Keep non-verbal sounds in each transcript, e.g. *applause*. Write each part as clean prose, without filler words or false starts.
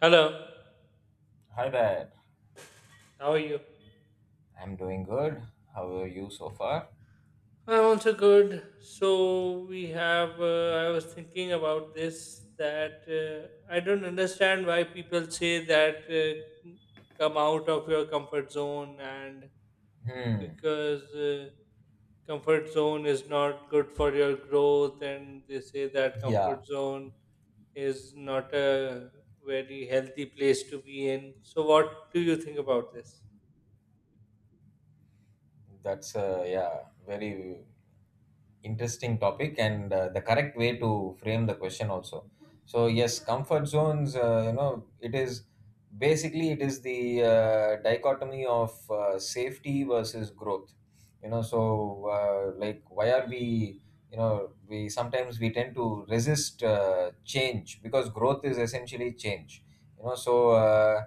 Hello, Hi there. how are you? I'm doing good. How are you so far? I'm also good. So we have. I was thinking about this that I don't understand why people say that come out of your comfort zone and Hmm. because comfort zone is not good for your growth and they say that Yeah. comfort zone is not a very healthy place to be in. So what do you think about this? That's a, yeah, very interesting topic and the correct way to frame the question also. So yes, comfort zones. It is basically it is the dichotomy of safety versus growth. So, like why are we? We sometimes we tend to resist change because growth is essentially change. So,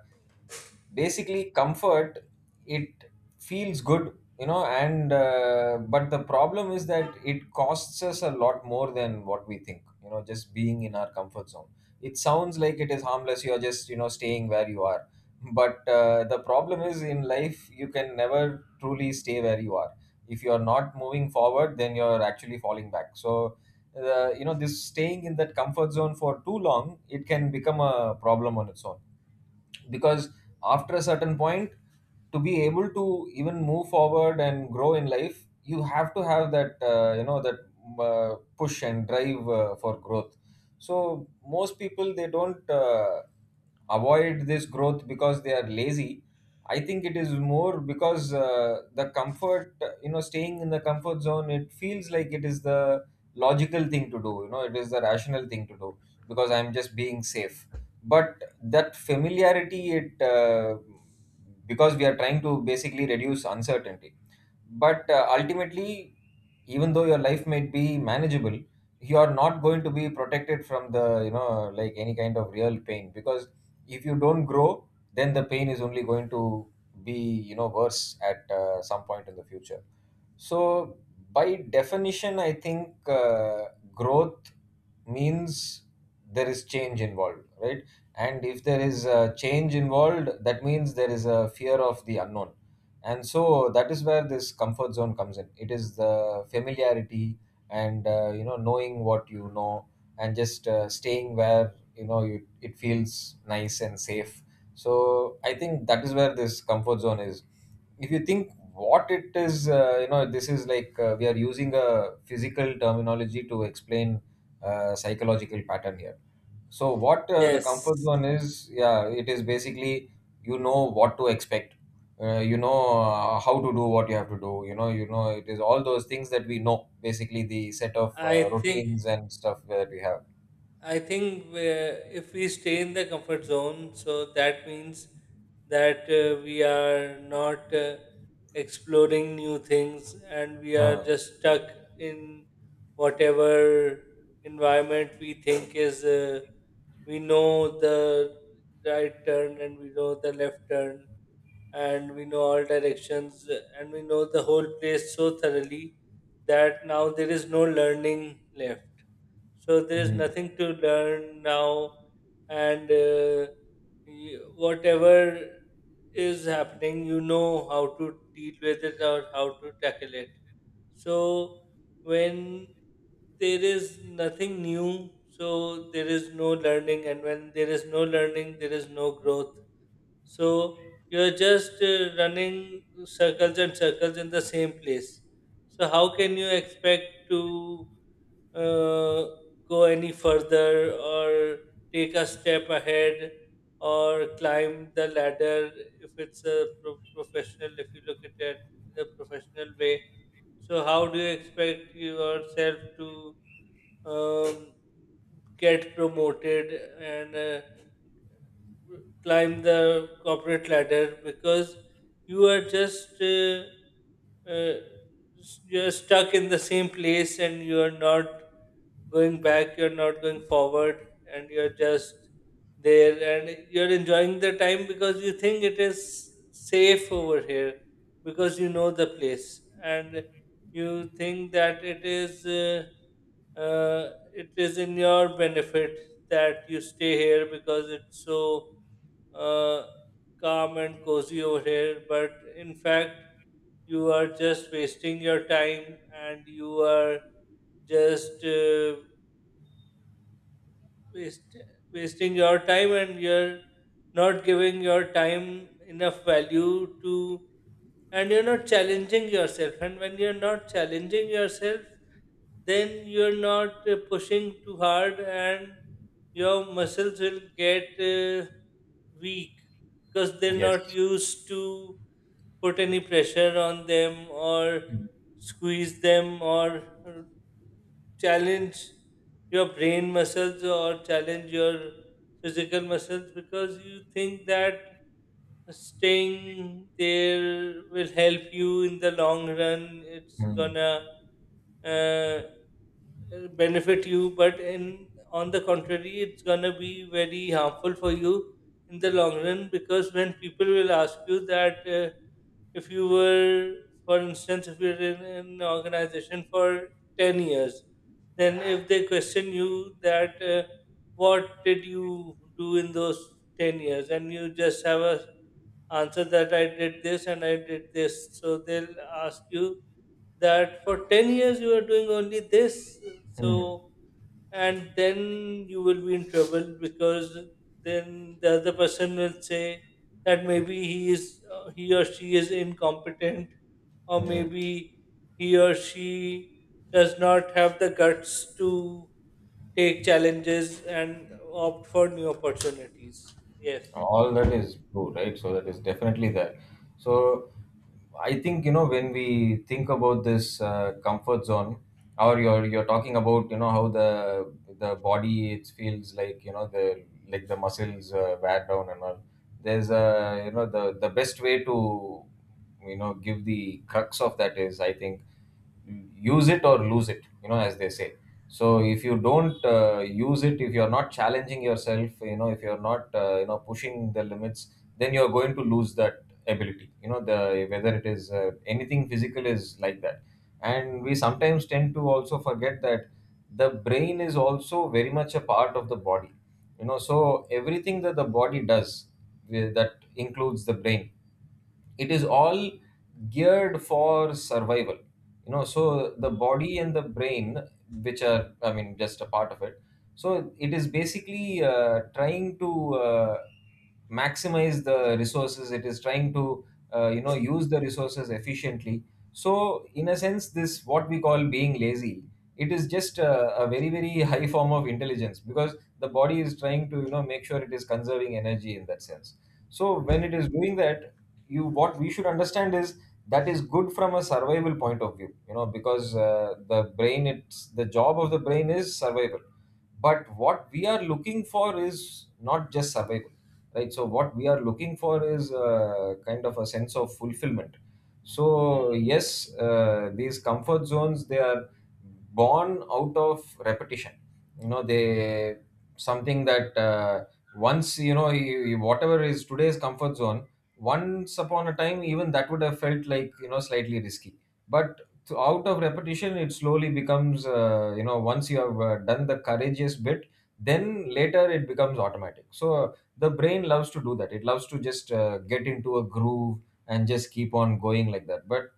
basically comfort, it feels good, and but the problem is that it costs us a lot more than what we think, just being in our comfort zone. It sounds like it is harmless. You're just, staying where you are, but the problem is in life you can never truly stay where you are. If you are not moving forward, then you're actually falling back. So this staying in that comfort zone for too long, it can become a problem on its own, because after a certain point, to be able to even move forward and grow in life, you have to have that push and drive for growth. So most people, they don't avoid this growth because they are lazy. I think it is more because the comfort, staying in the comfort zone, it feels like it is the logical thing to do. It is the rational thing to do because I'm just being safe. But that familiarity, it because we are trying to basically reduce uncertainty. But ultimately, even though your life might be manageable, you are not going to be protected from the, like, any kind of real pain, because if you don't grow, then the pain is only going to be, worse at some point in the future. So, by definition, I think growth means there is change involved, right? And if there is a change involved, that means there is a fear of the unknown. And so that is where this comfort zone comes in. It is the familiarity and knowing what you know and just staying where you know, you, it feels nice and safe. So I think that is where this comfort zone is. If you think what it is, this is like, we are using a physical terminology to explain psychological pattern here. So what, the comfort Yes, zone is, yeah, it is basically, you know what to expect, how to do what you have to do, it is all those things that we know, basically the set of I think routines and stuff that we have. I think if we stay in the comfort zone, so that means that we are not exploring new things and we are Huh. just stuck in whatever environment we think is, we know the right turn and we know the left turn and we know all directions and we know the whole place so thoroughly that now there is no learning left, so there's Mm. nothing to learn now, and whatever is happening, you know how to deal with it or how to tackle it. So when there is nothing new, so there is no learning, and when there is no learning, there is no growth, so you're just running circles and circles in the same place. So how can you expect to uh, go any further or take a step ahead or climb the ladder if it's professional, if you look at it the professional way? So how do you expect yourself to um, get promoted and climb the corporate ladder because you are just uh, you're stuck in the same place and you're not going back, you're not going forward, and you're just there and you're enjoying the time because you think it is safe over here because you know the place and you think that it is in your benefit that you stay here because it's so uh, calm and cozy over here. But in fact, you are just wasting your time and you are just waste, wasting your time and you're not giving your time enough value to, and you're not challenging yourself, and when you're not challenging yourself then you're not pushing too hard and your muscles will get weak because they're not Yes. used to put any pressure on them or squeeze them or challenge your brain muscles or challenge your physical muscles because you think that staying there will help you in the long run. It's Mm. gonna uh, benefit you, but in on the contrary it's going to be very harmful for you in the long run because when people will ask you that if you were, for instance, if you're in an organization for 10 years, then if they question you that what did you do in those 10 years, and you just have a answer that I did this and I did this. So they'll ask you that for 10 years you are doing only this. Mm. So, and then you will be in trouble because then the other person will say that maybe he or she is incompetent, or Mm. maybe he or she does not have the guts to take challenges and opt for new opportunities. Yes. All that is true, right, so that is definitely there. So I think, when we think about this comfort zone, or you're talking about, how the body, it feels like, you know the like the muscles wear down and all. There's a you know the best way to, give the crux of that is, I think, use it or lose it, as they say. So if you don't use it, if you're not challenging yourself, if you're not, pushing the limits, then you're going to lose that ability, you know the whether it is anything physical is like that. And we sometimes tend to also forget that the brain is also very much a part of the body, so everything that the body does, that includes the brain. It is all geared for survival, so the body and the brain, which are, I mean, just a part of it. So it is basically trying to maximize the resources. It is trying to use the resources efficiently. So in a sense, this what we call being lazy, it is just a very very *laughs* high form of intelligence, because the body is trying to, make sure it is conserving energy in that sense. So when it is doing that, you what we should understand is that is good from a survival point of view, because the brain, it's the job of the brain is survival. But what we are looking for is not just survival, right? So what we are looking for is kind of a sense of fulfillment. So yes, these comfort zones, they are born out of repetition. You know they something that, once you know, whatever is today's comfort zone, once upon a time, even that would have felt like, slightly risky. But out of repetition, it slowly becomes, once you have done the courageous bit, then later it becomes automatic. So the brain loves to do that. It loves to just get into a groove and just keep on going like that. But,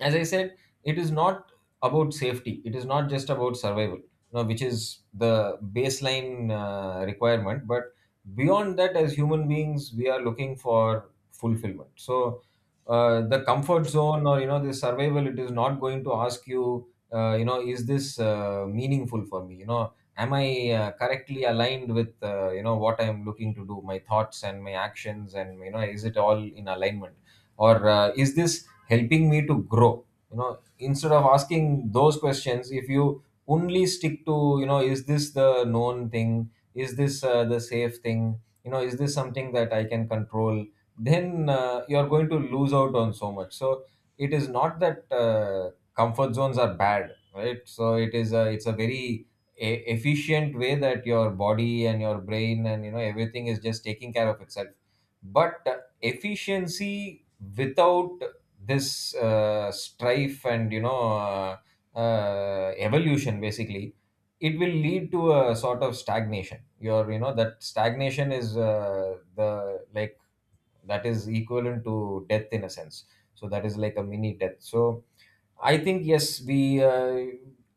as I said, it is not about safety. It is not just about survival, which is the baseline requirement. But beyond that, as human beings, we are looking for fulfillment. So the comfort zone, or the survival, it is not going to ask you, is this meaningful for me? Am I correctly aligned with what I am looking to do, my thoughts and my actions, and, is it all in alignment, or is this helping me to grow? you know instead of asking those questions, if you only stick to, is this the known thing, is this the safe thing, is this something that I can control, then you're going to lose out on so much. So it is not that comfort zones are bad, right? So it's a very efficient way that your body and your brain and, everything is just taking care of itself. But efficiency without this strife and, evolution basically, it will lead to a sort of stagnation. Your you know that stagnation is, the like, that is equivalent to death in a sense. So that is like a mini death. So I think, yes, we uh,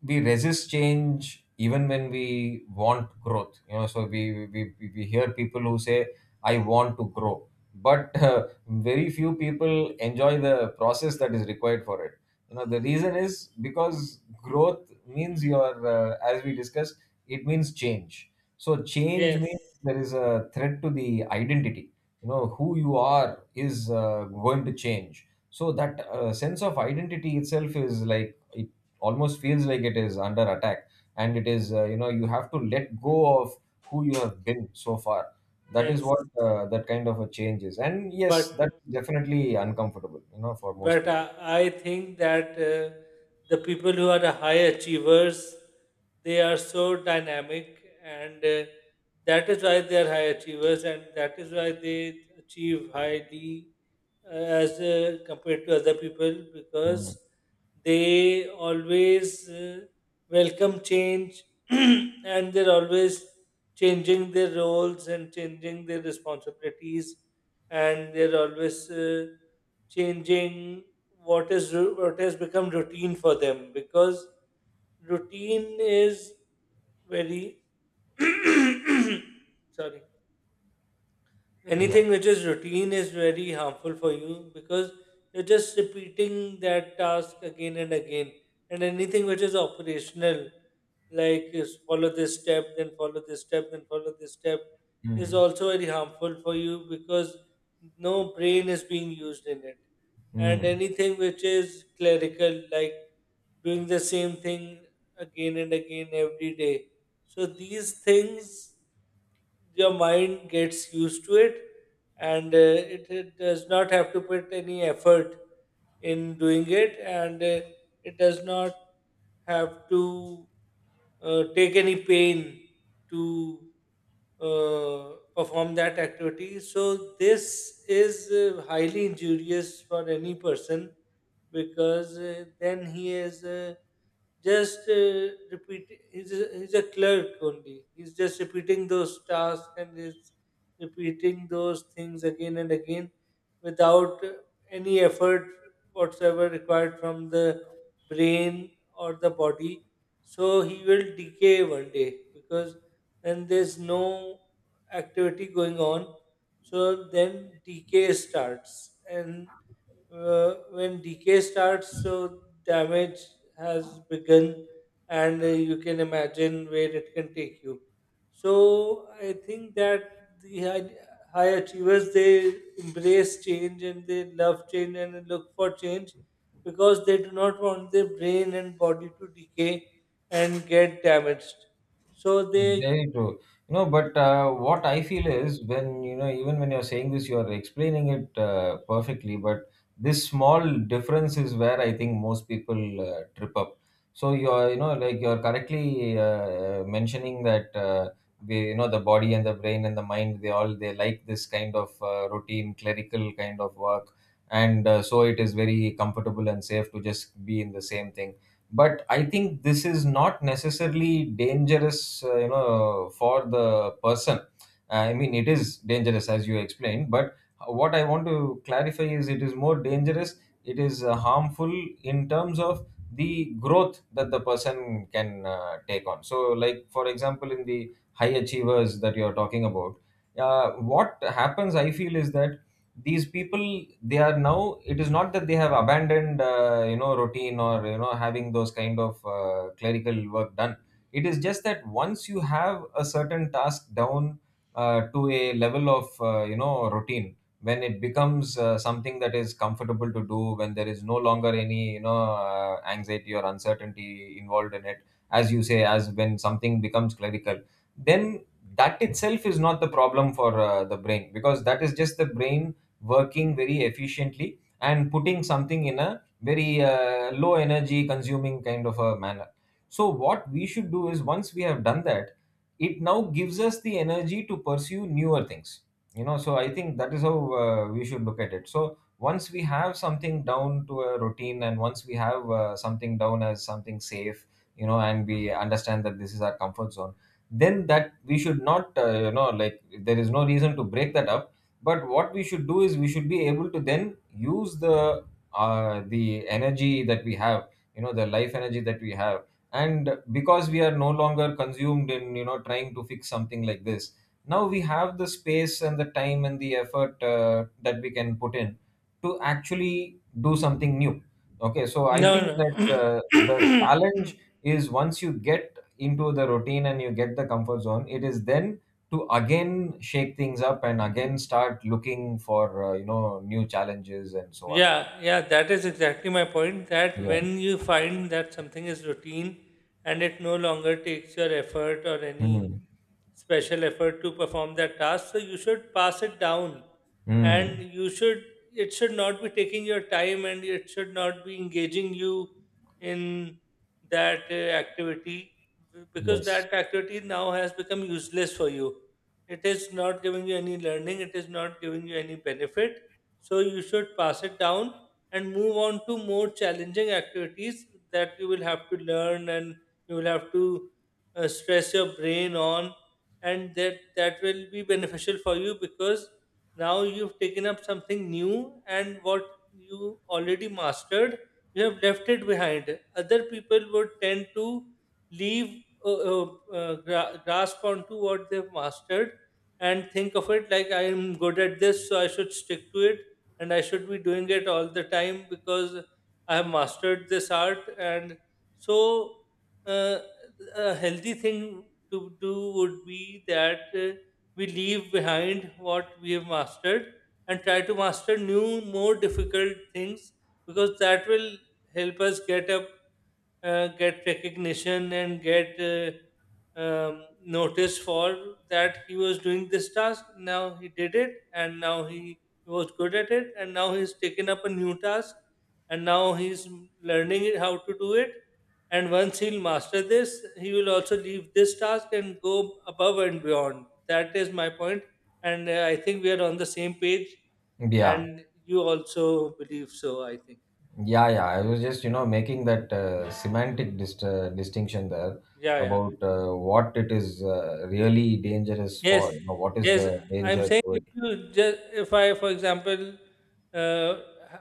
we resist change even when we want growth. So we hear people who say, "I want to grow," but *laughs* very few people enjoy the process that is required for it. The reason is because growth means your, as we discussed, it means change. So change Yes. means there is a threat to the identity. Who you are is going to change, so that sense of identity itself is like it almost feels like it is under attack, and it is, you have to let go of who you have been so far. That is Yes, what that kind of a change is, and yes, that's but definitely uncomfortable, for most But I, people. I think that the people who are the high achievers, they are so dynamic, and that is why they are high achievers, and that is why they achieve highly as compared to other people Mm. because they always welcome change *clears throat* and they're always changing their roles and changing their responsibilities, and they're always changing what what has become routine for them because routine is very *coughs* sorry yeah. Yeah. Anything which is routine is very harmful for you because you're just repeating that task again and again. And anything which is operational, like is follow this step, then follow this step, then follow this step, is Mm. also very harmful for you because no brain is being used in it. And Mm. anything which is clerical, like doing the same thing again and again every day, so these things, your mind gets used to it, and it does not have to put any effort in doing it, and it does not have to take any pain to perform that activity. So this is highly injurious for any person because then he is. Just repeat He's a, he's a clerk only, he's just repeating those tasks and he's repeating those things again and again without any effort whatsoever required from the brain or the body, so he will decay 1 day because when there's no activity going on, so then decay starts, and when decay starts, so damage has begun, and you can imagine where it can take you. So I think that the high achievers, they embrace change and they love change and they look for change because they do not want their brain and body to decay and get damaged so they Very true. But what I feel is, when, even when you're saying this, you're explaining it perfectly, but this small difference is where I think most people trip up. So like you're correctly mentioning that, the body and the brain and the mind, they all, they like this kind of routine, clerical kind of work. And so it is very comfortable and safe to just be in the same thing, but I think this is not necessarily dangerous you know, for the person. I mean, it is dangerous as you explained, but what I want to clarify is it is more dangerous. It is harmful in terms of the growth that the person can take on. So, like for example, in the high achievers that you're talking about, uh, what happens I feel is that these people, they are now it is not that they have abandoned you know, routine or you know, having those kind of clerical work done. It is just that once you have a certain task down to a level of you know, routine, when it becomes something that is comfortable to do, when there is no longer any you know anxiety or uncertainty involved in it, as you say, as when something becomes clerical, then that itself is not the problem for the brain, because that is just the brain working very efficiently and putting something in a very low energy consuming kind of a manner. So what we should do is once we have done that, it now gives us the energy to pursue newer things. You know, so I think that is how we should look at it. So once we have something down to a routine, and once we have something down as something safe, you know, and we understand that this is our comfort zone, then that we should not you know, like there is no reason to break that up. But what we should do is we should be able to then use the energy that we have, you know, the life energy that we have. And because we are no longer consumed in you know, trying to fix something like this, now we have the space and the time and the effort that we can put in to actually do something new. Okay, so I no no think that *clears throat* the challenge *coughs* is once you get into the routine and you get the comfort zone, it is then to again shake things up and again start looking for you know, new challenges and so on. Yeah, yeah, that is exactly my point. That Yeah. when you find that something is routine and it no longer takes your effort or any Mm. special effort to perform that task, so you should pass it down Mm. and you should, it should not be taking your time and it should not be engaging you in that activity because Yes. that activity now has become useless for you. It is not giving you any learning, it is not giving you any benefit, so you should pass it down and move on to more challenging activities that you will have to learn, and you will have to stress your brain on, and that will be beneficial for you because now you've taken up something new, and what you already mastered, you have left it behind. Other people would tend to leave uh, uh, grasp onto what they've mastered and think of it like, I am good at this, so I should stick to it and I should be doing it all the time because I have mastered this art. And so, uh, a healthy thing to do would be that we leave behind what we have mastered and try to master new, more difficult things because that will help us get up, get recognition, and get. Notice for that he was doing this task. Now he did it, and now he was good at it, and now he's taken up a new task, and now he's learning it, how to do it. And once he'll master this, he will also leave this task and go above and beyond. That is my point, and I think we are on the same page. Yeah, And you also believe so, I think. yeah, I was just you know, making that distinction there Yeah, yeah. about what it is really dangerous Yes, for, you know, what is the yes, I'm danger saying to it. if you just, if I, for example, uh,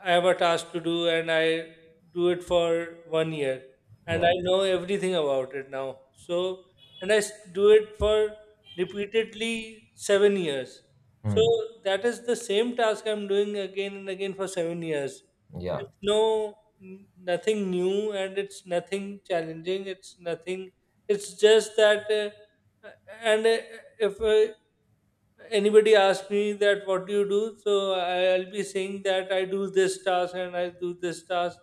I have a task to do and I do it for 1 year, and Yeah. I know everything about it now. So, and do it for repeatedly 7 years. So Mm. that is the same task I'm doing again and again for 7 years. Yeah. It's no nothing new, and it's nothing challenging. It's nothing. It's just that. And if Anybody asks me that, what do you do, so I'll be saying that I do this task and I do this task,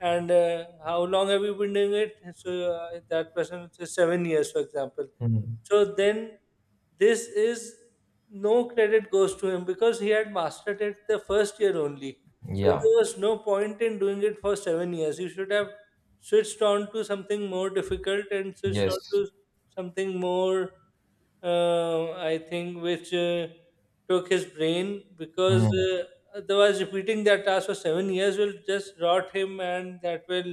and how long have you been doing it, so that person says 7 years, for example. Mm. So then this is, no credit goes to him because he had mastered it the first year only, so Yeah. there was no point in doing it for 7 years. You should have switched on to something more difficult and switched on Yes. to something more I think which took his brain because Mm. uh, otherwise repeating that task for 7 years will just rot him, and that will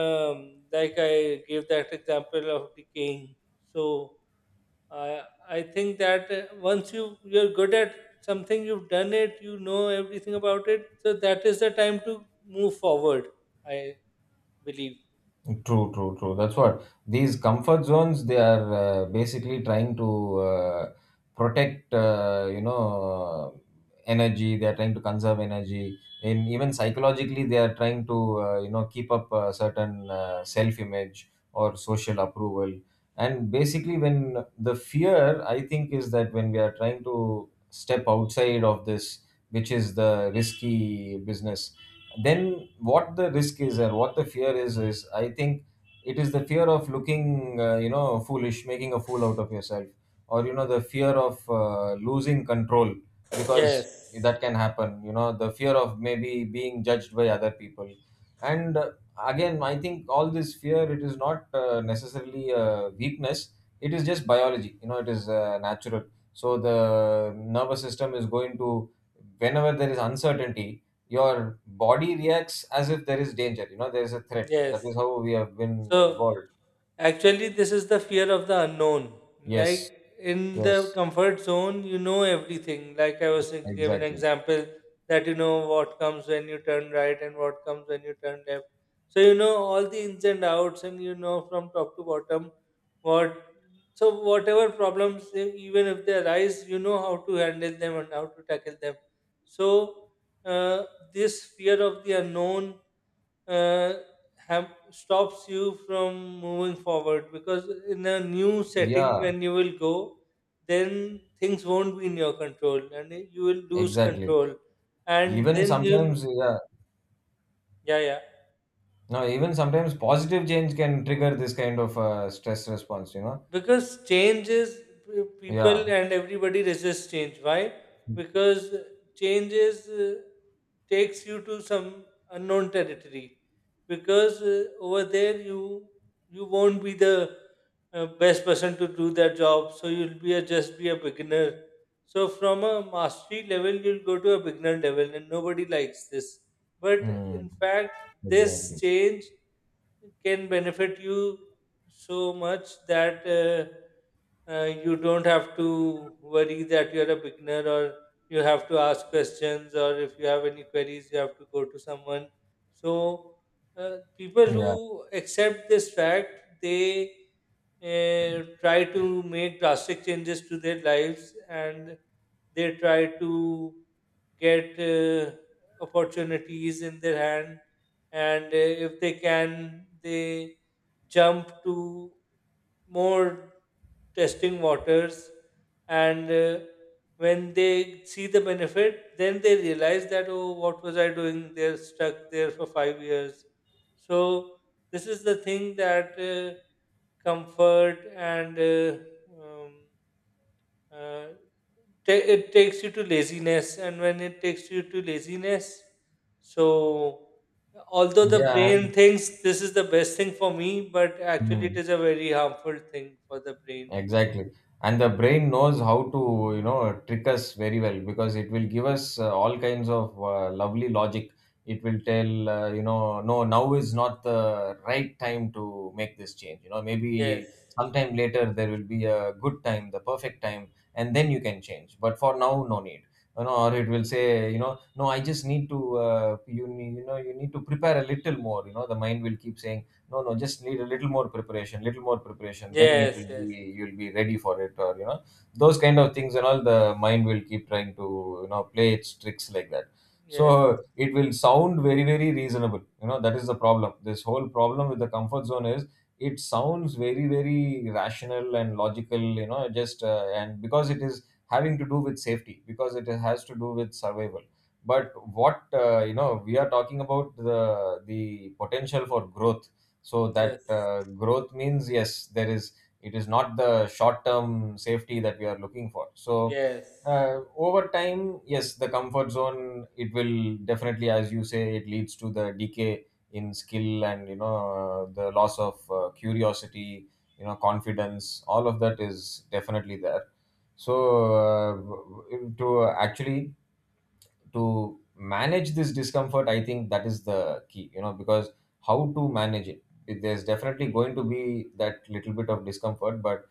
um, like I gave that example of decaying. So i I think that once you you're good at something, you've done it, you know everything about it, so that is the time to move forward, I believe. True, true, true. That's what these comfort zones, they are basically trying to protect, you know, energy. They are trying to conserve energy, and even psychologically, they are trying to, you know, keep up a certain self-image or social approval. And basically, when the fear, I think, is that when we are trying to step outside of this, which is the risky business, then what the risk is and what the fear is I think it is the fear of looking you know, foolish, making a fool out of yourself, or you know, the fear of losing control, because Yes, that can happen, you know, the fear of maybe being judged by other people. And again, I think all this fear, it is not necessarily a weakness. It is just biology, you know, it is natural. So the nervous system is going to, whenever there is uncertainty, your body reacts as if there is danger, you know, there is a threat. That yes. is how we have been So evolved. actually, this is the fear of the unknown. Like Yes. in the Yes, comfort zone, you know everything. Like I was giving an exactly. example that you know what comes when you turn right and what comes when you turn left. So you know all the ins and outs, and you know from top to bottom what. So whatever problems, even if they arise, you know how to handle them and how to tackle them. So uh, this fear of the unknown uh, have stops you from moving forward because in a new setting Yeah, when you will go, then things won't be in your control and you will lose exactly. control, and Even then you'll sometimes, yeah. yeah yeah No, even sometimes positive change can trigger this kind of stress response, you know. because change is people Yeah. and everybody resists change, why? Because change is takes you to some unknown territory because over there you you won't be the best person to do that job, so you'll be a, just be a beginner, so from a mastery level you'll go to a beginner level and nobody likes this, but Mm. in fact this Exactly. change can benefit you so much that you don't have to worry that you're a beginner or you have to ask questions, or if you have any queries you have to go to someone. So people yeah who accept this fact, they try to make drastic changes to their lives and they try to get opportunities in their hand, and if they can, they jump to more testing waters, and when they see the benefit then they realize that, oh, what was I doing, they're stuck there for 5 years. So this is the thing that comfort and um, uh, ta it takes you to laziness, and when it takes you to laziness, so although the yeah, and brain thinks this is the best thing for me, but actually hmm. it is a very harmful thing for the brain. Exactly. And the brain knows how to, you know, trick us very well, because it will give us all kinds of lovely logic. It will tell, you know, no, now is not the right time to make this change. You know, Yes, maybe sometime later there will be a good time, the perfect time, and then you can change. But for now, no need. You know, or it will say, you know, no, I just need to, you know, you need to prepare a little more. You know, the mind will keep saying no, no, just need a little more preparation, little more preparation. Then it will yes, yes, be yes, you'll be ready for it, or you know, those kind of things and all. The mind will keep trying to, you know, play its tricks like that. yes, So it will sound very very reasonable. You know, that is the problem. This whole problem with the comfort zone is it sounds very very rational and logical. You know, just and because it is having to do with safety, because it has to do with survival. But what you know, we are talking about the potential for growth. So that growth means yes, there is it is not the short term safety that we are looking for. So yes, over time, yes, the comfort zone, it will definitely, as you say, it leads to the decay in skill, and you know, the loss of curiosity, you know, confidence, all of that is definitely there. So to actually to manage this discomfort, I think that is the key, you know, because how to manage it. It- there's definitely going to be that little bit of discomfort, but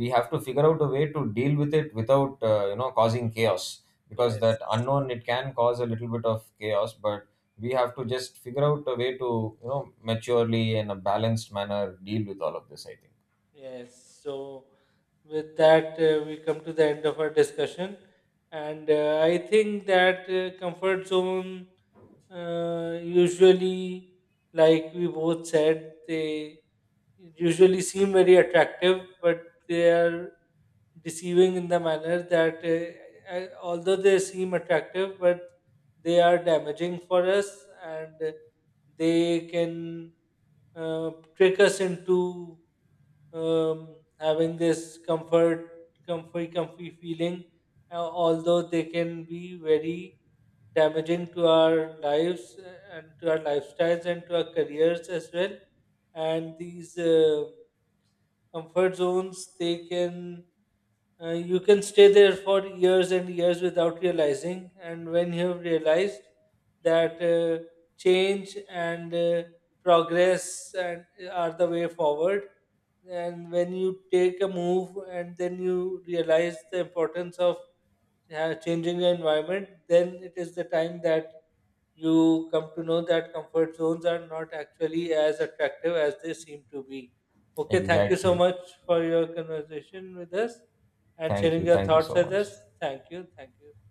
we have to figure out a way to deal with it without you know, causing chaos, because yes, that yes. unknown, it can cause a little bit of chaos, but we have to just figure out a way to you know, maturely, in a balanced manner, deal with all of this, I think. Yes, so with that, we come to the end of our discussion. And I think that comfort zone, usually, like we both said, they usually seem very attractive, but they are deceiving in the manner that, although they seem attractive, but they are damaging for us and they can uh, trick us into having this comfy feeling, although they can be very damaging to our lives and to our lifestyles and to our careers as well. And these comfort zones, they can you can stay there for years and years without realizing. And when you have realized that change and progress and are the way forward, and when you take a move and then you realize the importance of changing your environment, then it is the time that you come to know that comfort zones are not actually as attractive as they seem to be. Okay, thank you so Exactly. much for your conversation with us and Thank sharing you, your thank you thoughts so with much. us. Thank you. Thank you.